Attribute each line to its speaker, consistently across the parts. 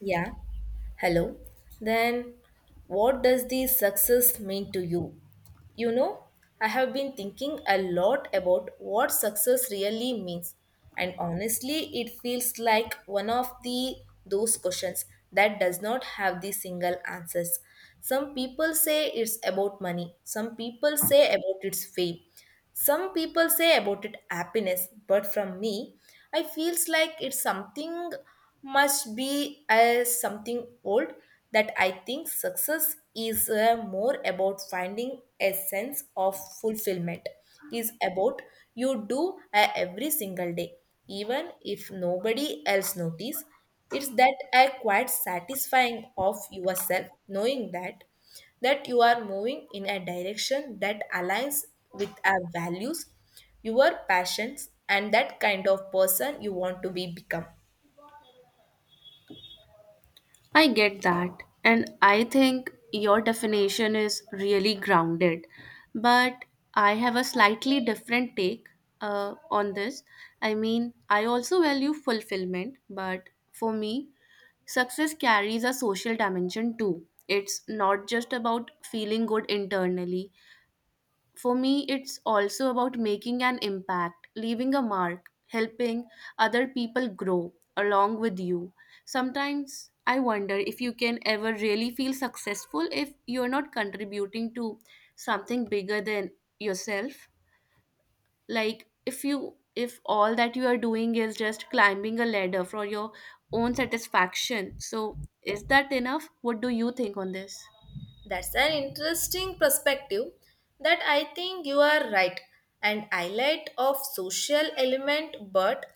Speaker 1: Yeah. Hello. Then, what does the success mean to you? You know, I have been thinking a lot about what success really means, and honestly, it feels like one of the those questions that does not have the single answers. Some people say it's about money, some people say about its fame, some people say about it happiness, but from me, I feels like it's something must be as something old that I think success is more about finding a sense of fulfillment is about you do every single day even if nobody else notice it's that a quite satisfying of yourself knowing that you are moving in a direction that aligns with our values, your passions, and that kind of person you want to be become.
Speaker 2: I get that. And I think your definition is really grounded. But I have a slightly different take on this. I mean, I also value fulfillment, but for me, success carries a social dimension too. It's not just about feeling good internally, for me, it's also about making an impact, leaving a mark, helping other people grow along with you. Sometimes I wonder if you can ever really feel successful if you're not contributing to something bigger than yourself. Like if all that you are doing is just climbing a ladder for your own satisfaction. So is that enough? What do you think on this?
Speaker 1: That's an interesting perspective that I think you are right and highlight of social element, but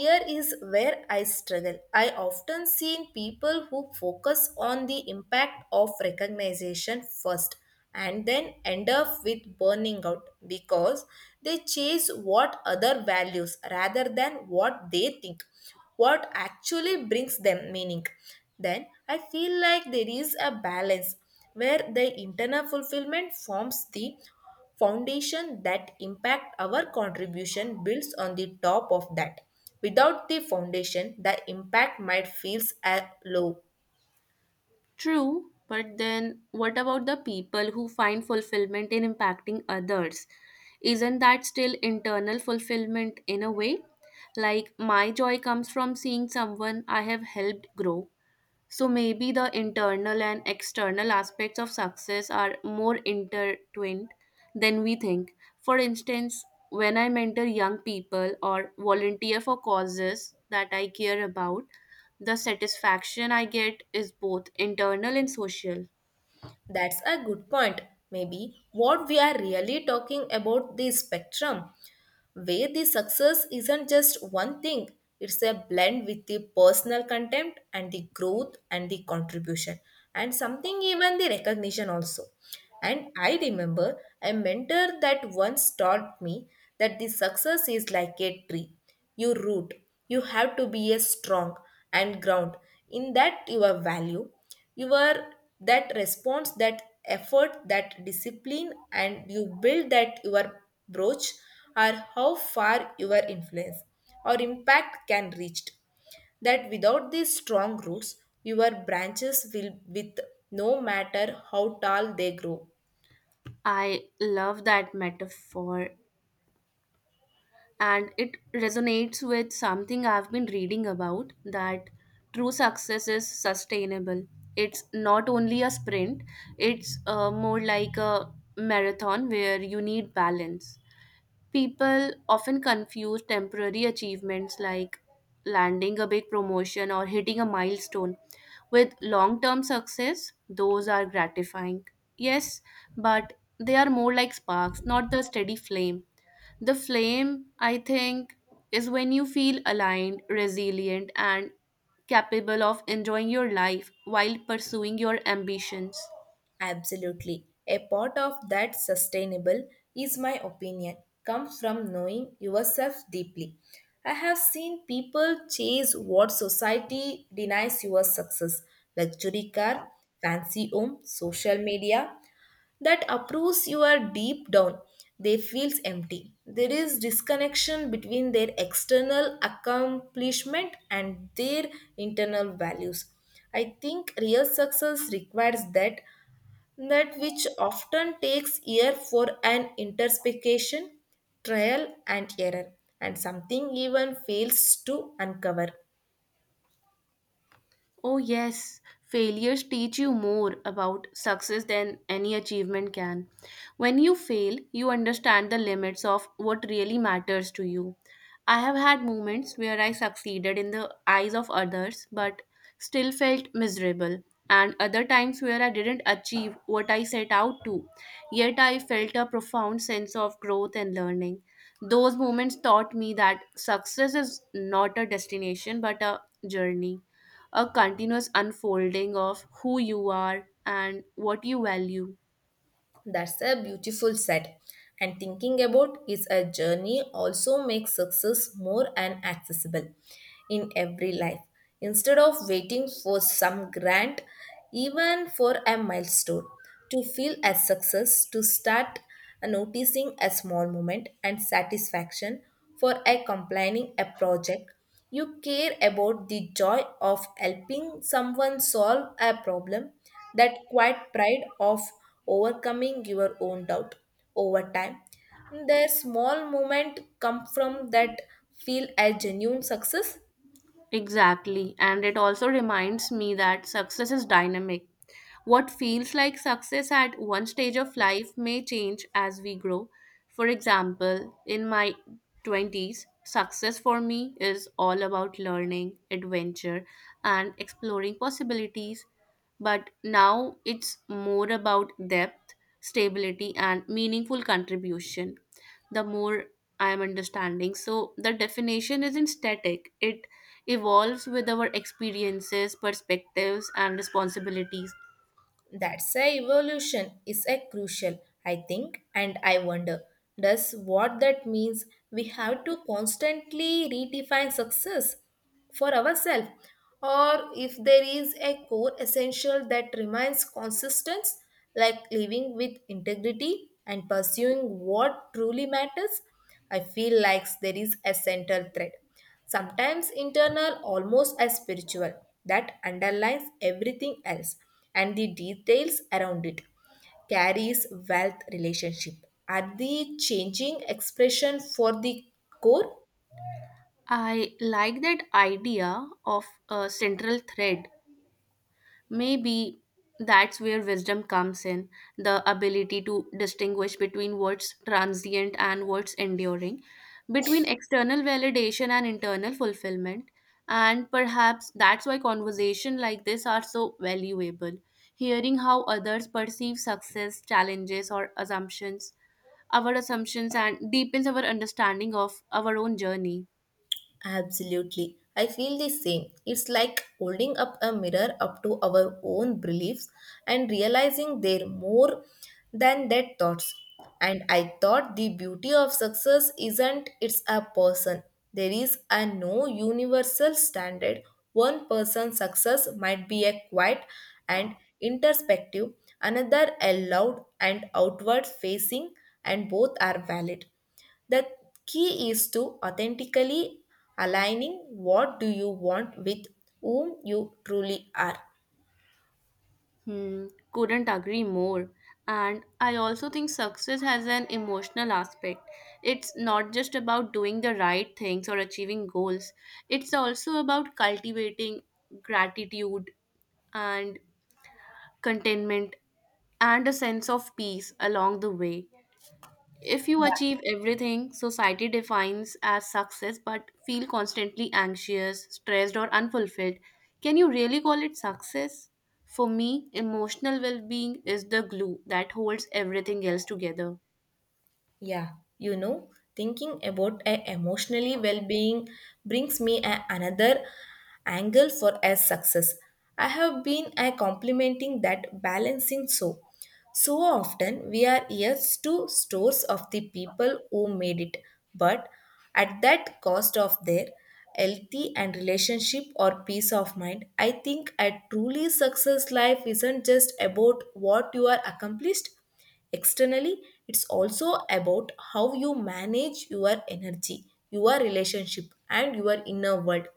Speaker 1: here is where I struggle. I often seen people who focus on the impact of recognition first and then end up with burning out because they chase what other values rather than what they think what actually brings them meaning. Then I feel like there is a balance where the internal fulfillment forms the foundation that impact our contribution builds on the top of that without the foundation the impact might feels low.
Speaker 2: True, but then what about the people who find fulfillment in impacting others? Isn't that still internal fulfillment in a way? Like, my joy comes from seeing someone I have helped grow. So maybe the internal and external aspects of success are more intertwined than we think. For instance, when I mentor young people or volunteer for causes that I care about, the satisfaction I get is both internal and social.
Speaker 1: That's a good point. Maybe what we are really talking about the spectrum, where the success isn't just one thing, it's a blend with the personal content and the growth and the contribution and something even the recognition also. And I remember a mentor that once taught me that the success is like a tree, your root you have to be a strong and ground in that your value, your, that response that effort that discipline and you build that your brooch are how far your influence or impact can reach, that without these strong roots your branches will, with, no matter how tall they grow.
Speaker 2: I love that metaphor, and it resonates with something I've been reading about that true success is sustainable. It's not only a sprint, it's more like a marathon where you need balance. People often confuse temporary achievements like landing a big promotion or hitting a milestone with long term success. Those are gratifying. Yes, but they are more like sparks, not the steady flame. The flame, I think, is when you feel aligned, resilient, and capable of enjoying your life while pursuing your ambitions.
Speaker 1: Absolutely. A part of that sustainable is my opinion comes from knowing yourself deeply. I have seen people chase what society denies your success, luxury car, fancy home, social media that approves you are deep down. They feels empty. There is disconnection between their external accomplishment and their internal values. I think real success requires that, that which often takes year for an interpretation, trial and error, and something even fails to uncover.
Speaker 2: Oh, yes, failures teach you more about success than any achievement can. When you fail, you understand the limits of what really matters to you. I have had moments where I succeeded in the eyes of others but still felt miserable, and other times where I didn't achieve what I set out to, yet I felt a profound sense of growth and learning. Those moments taught me that success is not a destination but a journey, a continuous unfolding of who you are and what you value.
Speaker 1: That's a beautiful set. And thinking about is a journey also makes success more and accessible in every life. Instead of waiting for some grant, even for a milestone, to feel as success, to start noticing a small moment and satisfaction for a completing a project you care about the joy of helping someone solve a problem, that quiet pride of overcoming your own doubt over time. Their small moment come from that feel as genuine success.
Speaker 2: Exactly. And it also reminds me that success is dynamic. What feels like success at one stage of life may change as we grow. For example, in my 20s, success for me is all about learning, adventure, and exploring possibilities. But now it's more about depth, stability, and meaningful contribution. The more I am understanding. So the definition isn't static, it evolves with our experiences, perspectives, and responsibilities.
Speaker 1: That's a evolution is a crucial, I think, and I wonder does what that means we have to constantly redefine success for ourselves or if there is a core essential that remains consistent like living with integrity and pursuing what truly matters. I feel like there is a central thread, sometimes internal, almost as spiritual, that underlines everything else, and the details around it carries wealth relationship. Are the changing expression for the core?
Speaker 2: I like that idea of a central thread. Maybe that's where wisdom comes in, the ability to distinguish between what's transient and what's enduring, between external validation and internal fulfillment. And perhaps that's why conversations like this are so valuable. Hearing how others perceive success, challenges, or assumptions, our assumptions, and deepens our understanding of our own journey.
Speaker 1: Absolutely. I feel the same. It's like holding up a mirror up to our own beliefs and realizing they're more than dead thoughts. And I thought the beauty of success isn't it's a person. There is a no universal standard. One person's success might be a quiet and introspective, another a loud and outward facing, and both are valid, the key is to authentically aligning what do you want with whom you truly are.
Speaker 2: Hmm, couldn't agree more. And I also think success has an emotional aspect. It's not just about doing the right things or achieving goals, it's also about cultivating gratitude and contentment and a sense of peace along the way. If you
Speaker 1: Yeah.
Speaker 2: achieve everything society defines as success but feel constantly anxious, stressed, or unfulfilled, can you really call it success? For me, emotional well being is the glue that holds everything else together.
Speaker 1: Yeah you know Thinking about a emotionally well-being brings me another angle for a success. I have been a complimenting that balancing so often we are yes to stores of the people who made it, but at that cost of their healthy and relationship or peace of mind, I think a truly success life isn't just about what you are accomplished externally, it's also about how you manage your energy, your relationship, and your inner world.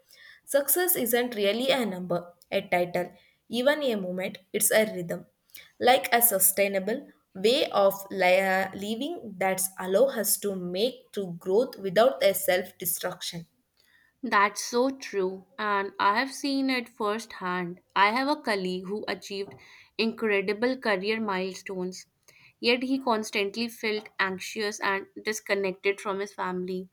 Speaker 1: Success isn't really a number, a title, even a moment, it's a rhythm. Like a sustainable way of living that allows us to make to growth without a self destruction.
Speaker 2: That's so true, and I have seen it firsthand. I have a colleague who achieved incredible career milestones, yet he constantly felt anxious and disconnected from his family.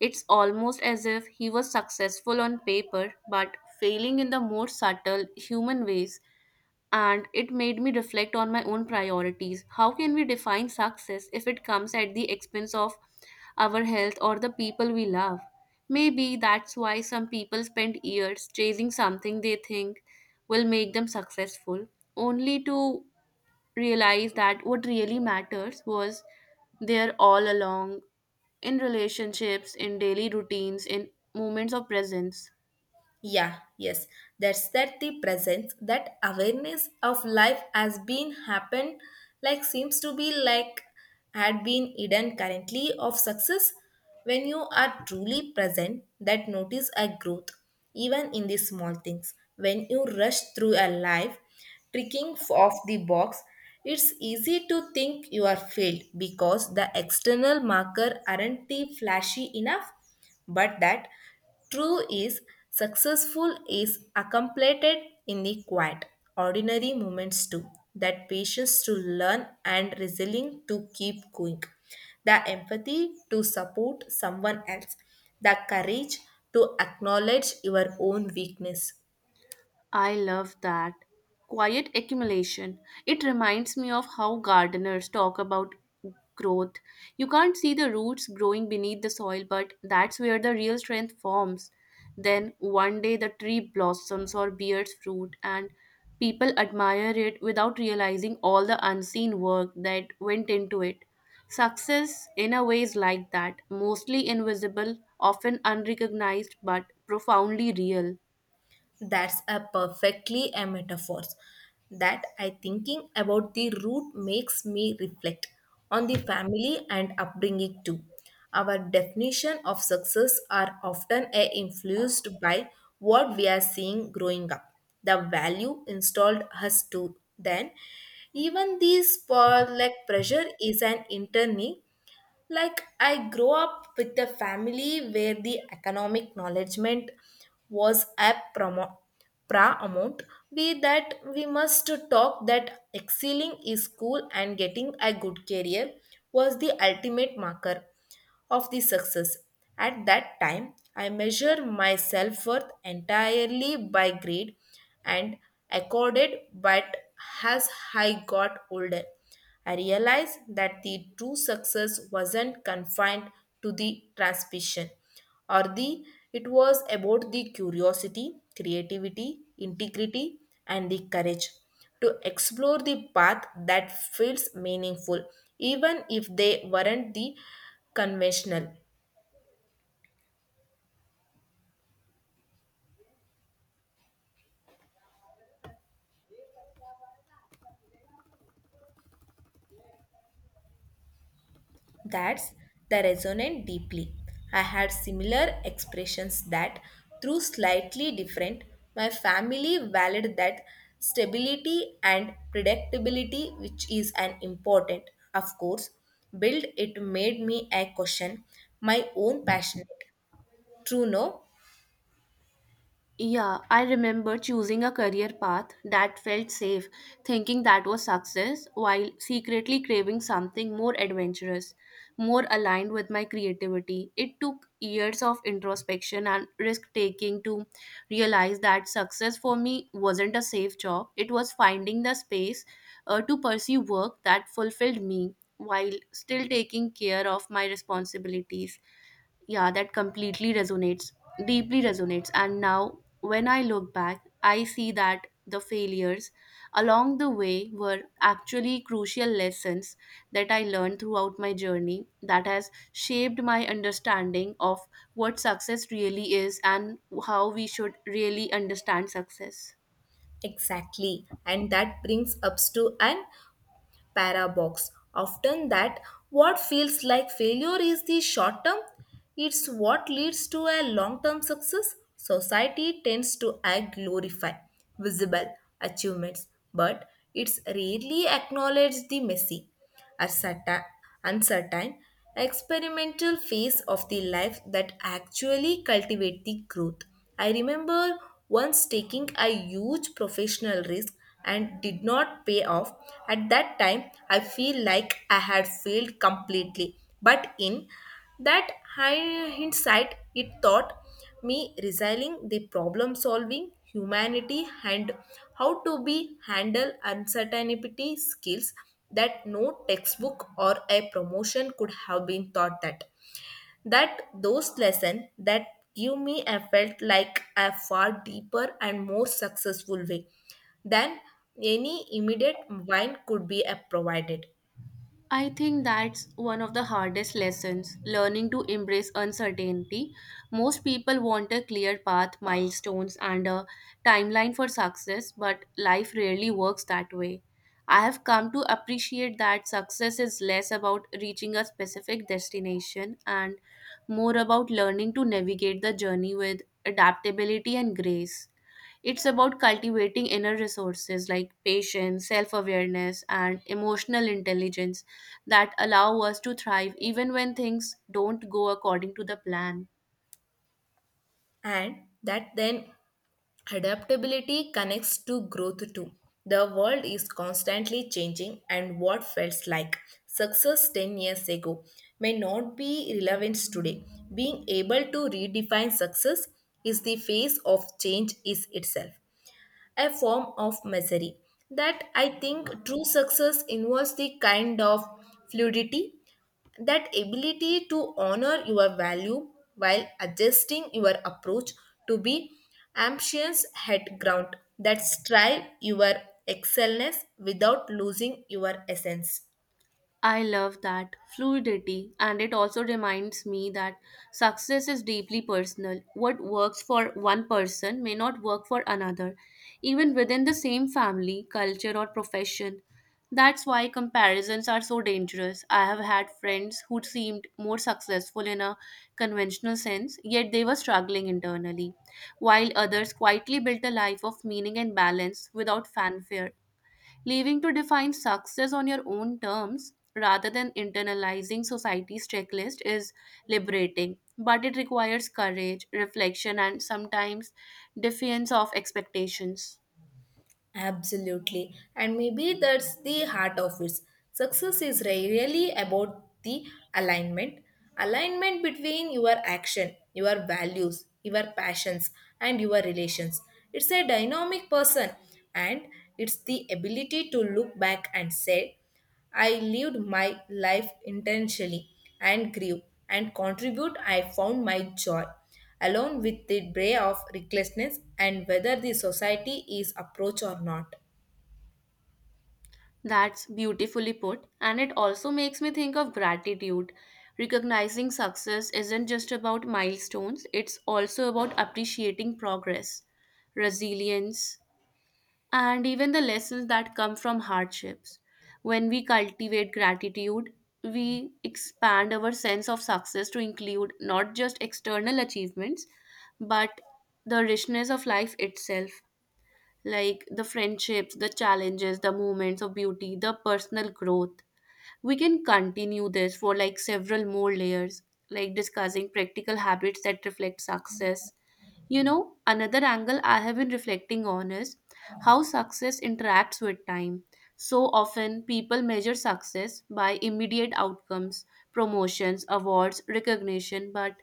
Speaker 2: It's almost as if he was successful on paper but failing in the more subtle human ways, and it made me reflect on my own priorities. How can we define success if it comes at the expense of our health or the people we love? Maybe that's why some people spend years chasing something they think will make them successful, only to realize that what really matters was there all along, in relationships, in daily routines, in moments of presence.
Speaker 1: Yeah, yes. That's that the presence, that awareness of life has been happened, like seems to be like had been hidden currently of success. When you are truly present, that notice a growth, even in the small things. When you rush through a life, tricking of the box, it's easy to think you are failed because the external marker aren't the flashy enough, but that true is successful is accomplished in the quiet, ordinary moments too. That patience to learn and resilience to keep going. The empathy to support someone else. The courage to acknowledge your own weakness.
Speaker 2: I love that. Quiet accumulation. It reminds me of how gardeners talk about growth. You can't see the roots growing beneath the soil, but that's where the real strength forms. Then one day the tree blossoms or bears fruit, and people admire it without realizing all the unseen work that went into it. Success, in a way, is like that, mostly invisible, often unrecognized, but profoundly real.
Speaker 1: That's a perfectly a metaphor. That I thinking about the root makes me reflect on the family and upbringing too. Our definition of success are often influenced by what we are seeing growing up, the value installed us to then. Even this for like pressure is an internal, like I grew up with a family where the economic acknowledgement was a promo, pra amount we that we must talk that excelling is cool and getting a good career was the ultimate marker of the success. At that time, I measure my self worth entirely by grade and accorded, but as I got older, I realized that the true success wasn't confined to the transmission or the, it was about the curiosity, creativity, integrity, and the courage to explore the path that feels meaningful even if they weren't the conventional. That's the resonant deeply. I had similar expressions that, through slightly different, my family valued that stability and predictability, which is an important, of course, build it made me a question my own passionate. True, no?
Speaker 2: Yeah, I remember choosing a career path that felt safe, thinking that was success, while secretly craving something more adventurous, more aligned with my creativity. It took years of introspection and risk taking to realize that success for me wasn't a safe job, it was finding the space to pursue work that fulfilled me while still taking care of my responsibilities. Yeah, that completely resonates, deeply resonates. And now when I look back, I see that the failures along the way were actually crucial lessons that I learned throughout my journey that has shaped my understanding of what success really is and how we should really understand success.
Speaker 1: Exactly. And that brings us to an paradox often that what feels like failure is the short term, it's what leads to a long term success. Society tends to glorify visible achievements, but it's rarely acknowledged the messy, a certain, uncertain, experimental phase of the life that actually cultivate the growth. I remember once taking a huge professional risk and did not pay off. At that time, I feel like I had failed completely. But in that hindsight, it thought me resigning the problem solving humanity and how to be handle uncertainty skills that no textbook or a promotion could have been taught, that that those lesson that give me a felt like a far deeper and more successful way than any immediate wine could be provided.
Speaker 2: I think that's one of the hardest lessons, learning to embrace uncertainty. Most people want a clear path, milestones, and a timeline for success, but life rarely works that way. I have come to appreciate that success is less about reaching a specific destination and more about learning to navigate the journey with adaptability and grace. It's about cultivating inner resources like patience, self awareness, and emotional intelligence that allow us to thrive even when things don't go according to the plan.
Speaker 1: And that then adaptability connects to growth too. The world is constantly changing, and what felt like success 10 years ago may not be relevant today. Being able to redefine success is the face of change is itself a form of misery. That I think true success involves the kind of fluidity, that ability to honor your value while adjusting your approach to be ambitious head ground that strive your excellence without losing your essence.
Speaker 2: I love that fluidity, and it also reminds me that success is deeply personal. What works for one person may not work for another, even within the same family, culture, or profession. That's why comparisons are so dangerous. I have had friends who seemed more successful in a conventional sense, yet they were struggling internally, while others quietly built a life of meaning and balance without fanfare. Leaving to define success on your own terms rather than internalizing society's checklist is liberating, but it requires courage, reflection, and sometimes defiance of expectations.
Speaker 1: Absolutely. And maybe that's the heart of it. Success is really about the alignment. Alignment between your action, your values, your passions, and your relations. It's a dynamic person, and it's the ability to look back and say, I lived my life intentionally and grew and contribute, I found my joy along with the bray of recklessness and whether the society is approach or not.
Speaker 2: That's beautifully put, and it also makes me think of gratitude. Recognizing success isn't just about milestones, it's also about appreciating progress, resilience, and even the lessons that come from hardships. When we cultivate gratitude, we expand our sense of success to include not just external achievements, but the richness of life itself, like the friendships, the challenges, the moments of beauty, the personal growth. We can continue this for like several more layers, like discussing practical habits that reflect success. You know, another angle I have been reflecting on is how success interacts with time. So often, people measure success by immediate outcomes, promotions, awards, recognition, but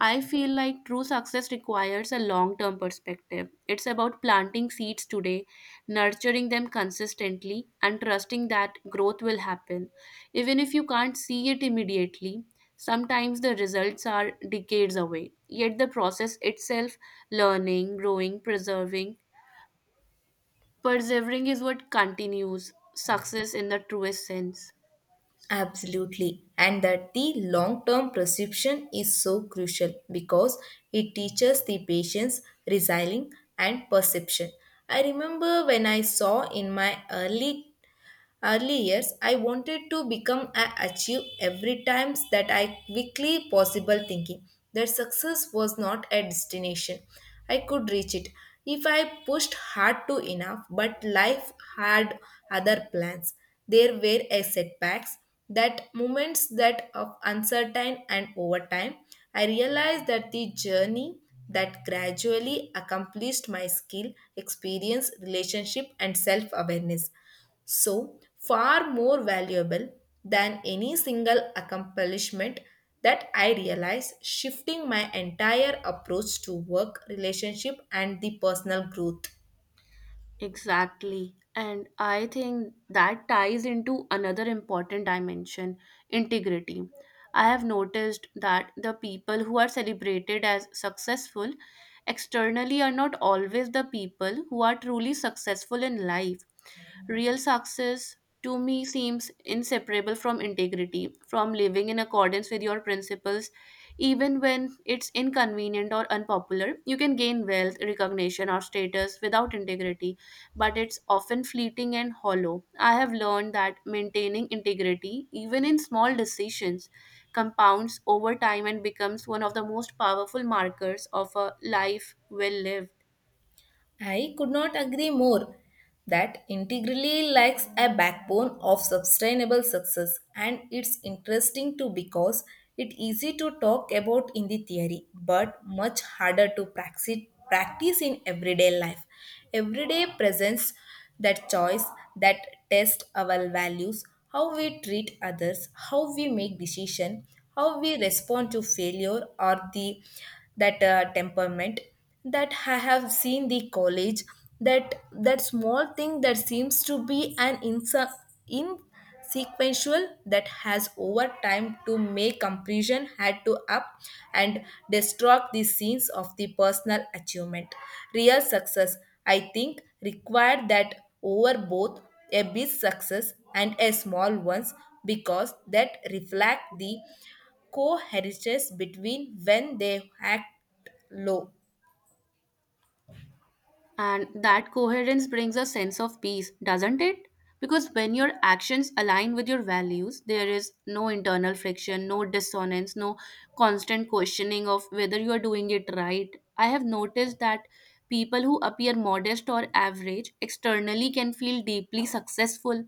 Speaker 2: I feel like true success requires a long term perspective. It's about planting seeds today, nurturing them consistently, and trusting that growth will happen. Even if you can't see it immediately, sometimes the results are decades away. Yet the process itself, learning, growing, preserving, persevering, is what continues success in the truest sense.
Speaker 1: Absolutely. And that the long term perception is so crucial because it teaches the patience, resilience, and perception. I remember when I saw in my early years, I wanted to become a achieve every times that I quickly possible thinking that success was not a destination. I could reach it if I pushed hard to enough, but life had other plans. There were a setbacks, that moments that of uncertain, and over time I realized that the journey that gradually accomplished my skill experience relationship and self awareness so far more valuable than any single accomplishment, that I realized, shifting my entire approach to work, relationship, and the personal growth.
Speaker 2: Exactly. And I think that ties into another important dimension, integrity. I have noticed that the people who are celebrated as successful externally are not always the people who are truly successful in life. Real success to me seems inseparable from integrity, from living in accordance with your principles, even when it's inconvenient or unpopular. You can gain wealth, recognition, or status without integrity, but it's often fleeting and hollow. I have learned that maintaining integrity, even in small decisions, compounds over time and becomes one of the most powerful markers of a life well lived.
Speaker 1: I could not agree more. That integrally lacks a backbone of sustainable success, and it's interesting too because it's easy to talk about in the theory, but much harder to practice in everyday life. Everyday presents that choice that test our values, how we treat others, how we make decision, how we respond to failure or the that temperament, that I have seen the college that that small thing that seems to be an insequential that has over time to make comparison had to up and distort the scenes of the personal achievement. Real success I think required that over both a big success and a small ones because that reflect the co-heritage between when they act low.
Speaker 2: And that coherence brings a sense of peace, doesn't it? Because when your actions align with your values, there is no internal friction, no dissonance, no constant questioning of whether you are doing it right. I have noticed that people who appear modest or average externally can feel deeply successful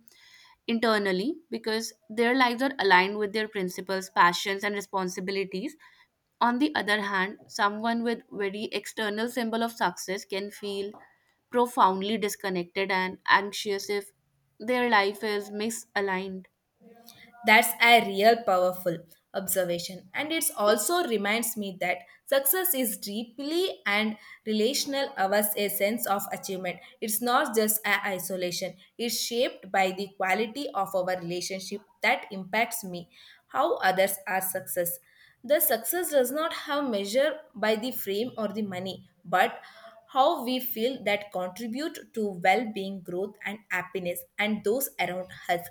Speaker 2: internally because their lives are aligned with their principles, passions, and responsibilities. On the other hand, someone with very external symbol of success can feel profoundly disconnected and anxious if their life is misaligned.
Speaker 1: That's a real powerful observation. And it also reminds me that success is deeply and relational ours a sense of achievement. It's not just a isolation. It's shaped by the quality of our relationship that impacts me, how others are success. The success does not have measure by the frame or the money, but how we feel that contribute to well-being growth and happiness and those around us.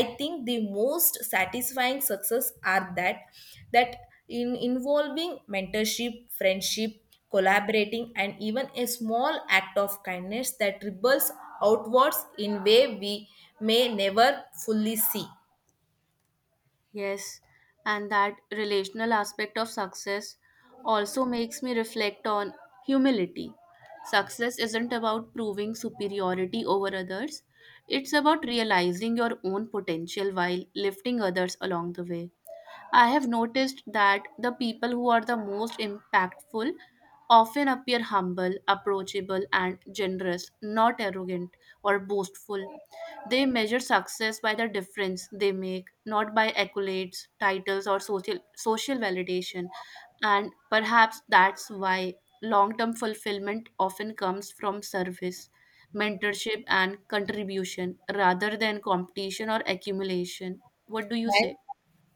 Speaker 1: I think the most satisfying success are that, that in involving mentorship friendship collaborating and even a small act of kindness that ripples outwards in way we may never fully see.
Speaker 2: Yes, and that relational aspect of success also makes me reflect on humility. Success isn't about proving superiority over others, it's about realizing your own potential while lifting others along the way. I have noticed that the people who are the most impactful often appear humble, approachable, and generous, not arrogant or boastful. They measure success by the difference they make, not by accolades, titles, or social, social validation. And perhaps that's why long term fulfillment often comes from service, mentorship, and contribution rather than competition or accumulation. What do you say?
Speaker 1: And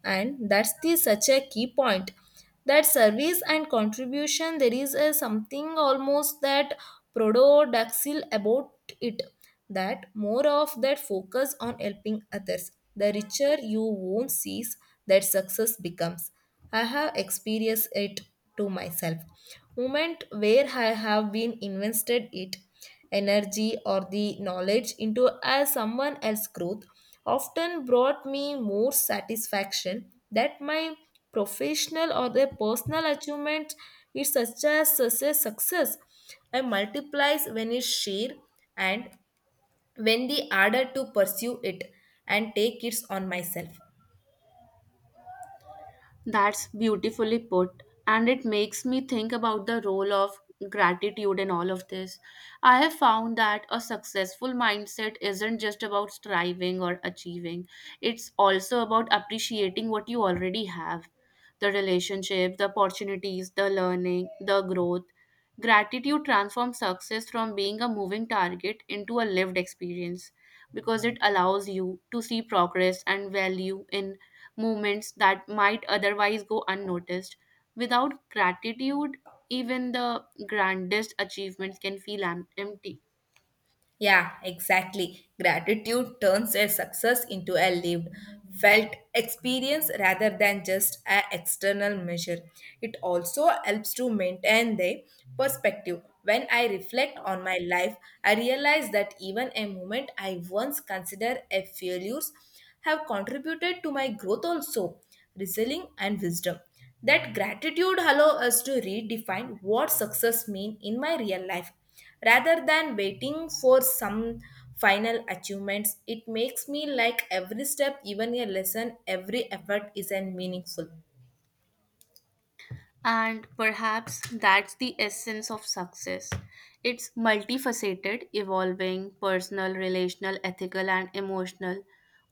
Speaker 1: and that's the such a key point that service and contribution there is a something almost that proto about it that more of that focus on helping others the richer you won't see that success becomes. I have experienced it to myself moment where I have been invested it, energy or the knowledge into as someone else's growth often brought me more satisfaction that my professional or the personal achievement is such as such a success. I multiplies when it's shared, and when the ardor to pursue it and take it on myself.
Speaker 2: That's beautifully put. And it makes me think about the role of gratitude in all of this. I have found that a successful mindset isn't just about striving or achieving, it's also about appreciating what you already have, the relationship, the opportunities, the learning, the growth. Gratitude transforms success from being a moving target into a lived experience because it allows you to see progress and value in moments that might otherwise go unnoticed. Without gratitude, even the grandest achievements can feel empty.
Speaker 1: Yeah, exactly. Gratitude turns a success into a lived, felt experience rather than just an external measure. It also helps to maintain the perspective. When I reflect on my life, I realize that even a moment I once considered a failure have contributed to my growth also, resilient and wisdom. That gratitude allow us to redefine what success means in my real life rather than waiting for some final achievements. It makes me like every step even a lesson every effort is an meaningful.
Speaker 2: And perhaps that's the essence of success. It's multifaceted, evolving, personal, relational, ethical, and emotional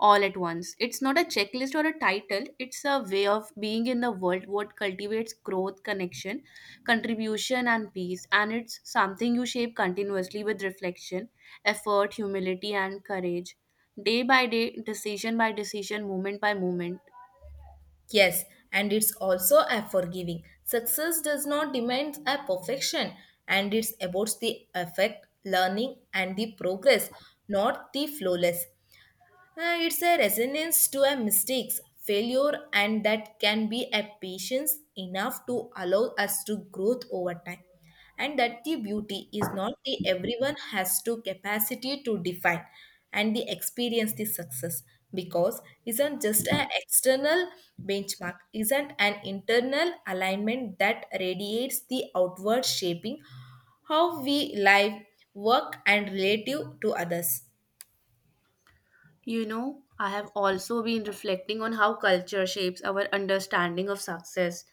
Speaker 2: all at once. It's not a checklist or a title, it's a way of being in the world what cultivates growth, connection, contribution, and peace. And it's something you shape continuously with reflection, effort, humility, and courage. Day by day, decision by decision, moment by moment.
Speaker 1: Yes, and it's also a forgiving success does not demand a perfection and it's about the effect learning and the progress, not the flawless. It's a resonance to a mistakes, failure, and that can be a patience enough to allow us to growth over time. And that the beauty is not the everyone has to capacity to define and the experience the success because isn't just an external benchmark, isn't an internal alignment that radiates the outward shaping how we live, work, and relative to others.
Speaker 2: You know, I have also been reflecting on how culture shapes our understanding of success.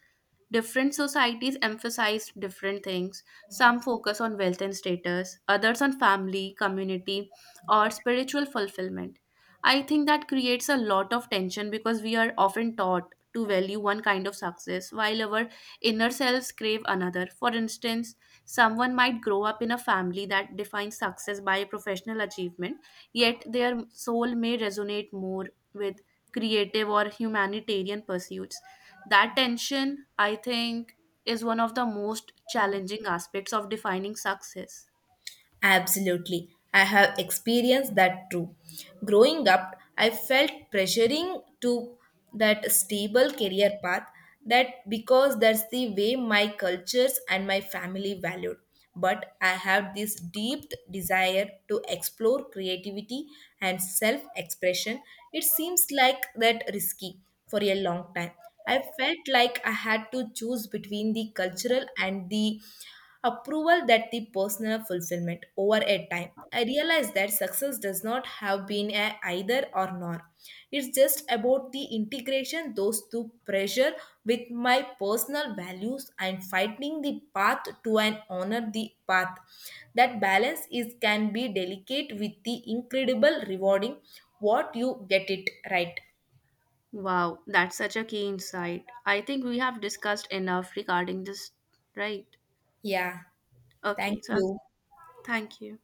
Speaker 2: Different societies emphasize different things. Some focus on wealth and status, others on family, community, or spiritual fulfillment. I think that creates a lot of tension because we are often taught to value one kind of success while our inner selves crave another. For instance, someone might grow up in a family that defines success by professional achievement, yet their soul may resonate more with creative or humanitarian pursuits. That tension, I think, is one of the most challenging aspects of defining success.
Speaker 1: Absolutely. I have experienced that too. Growing up, I felt pressuring to that stable career path that because that's the way my cultures and my family valued. But I have this deep desire to explore creativity and self expression. It seems like that risky for a long time. I felt like I had to choose between the cultural and the approval that the personal fulfillment over a time I realized that success does not have been a either or nor, it's just about the integration those two pressure with my personal values and finding the path to and honor the path that balance is can be delicate with the incredible rewarding what you get it right.
Speaker 2: Wow, that's such a key insight. I think we have discussed enough regarding this, right?
Speaker 1: Yeah,
Speaker 2: Okay,
Speaker 1: thank
Speaker 2: so
Speaker 1: you.
Speaker 2: thank you.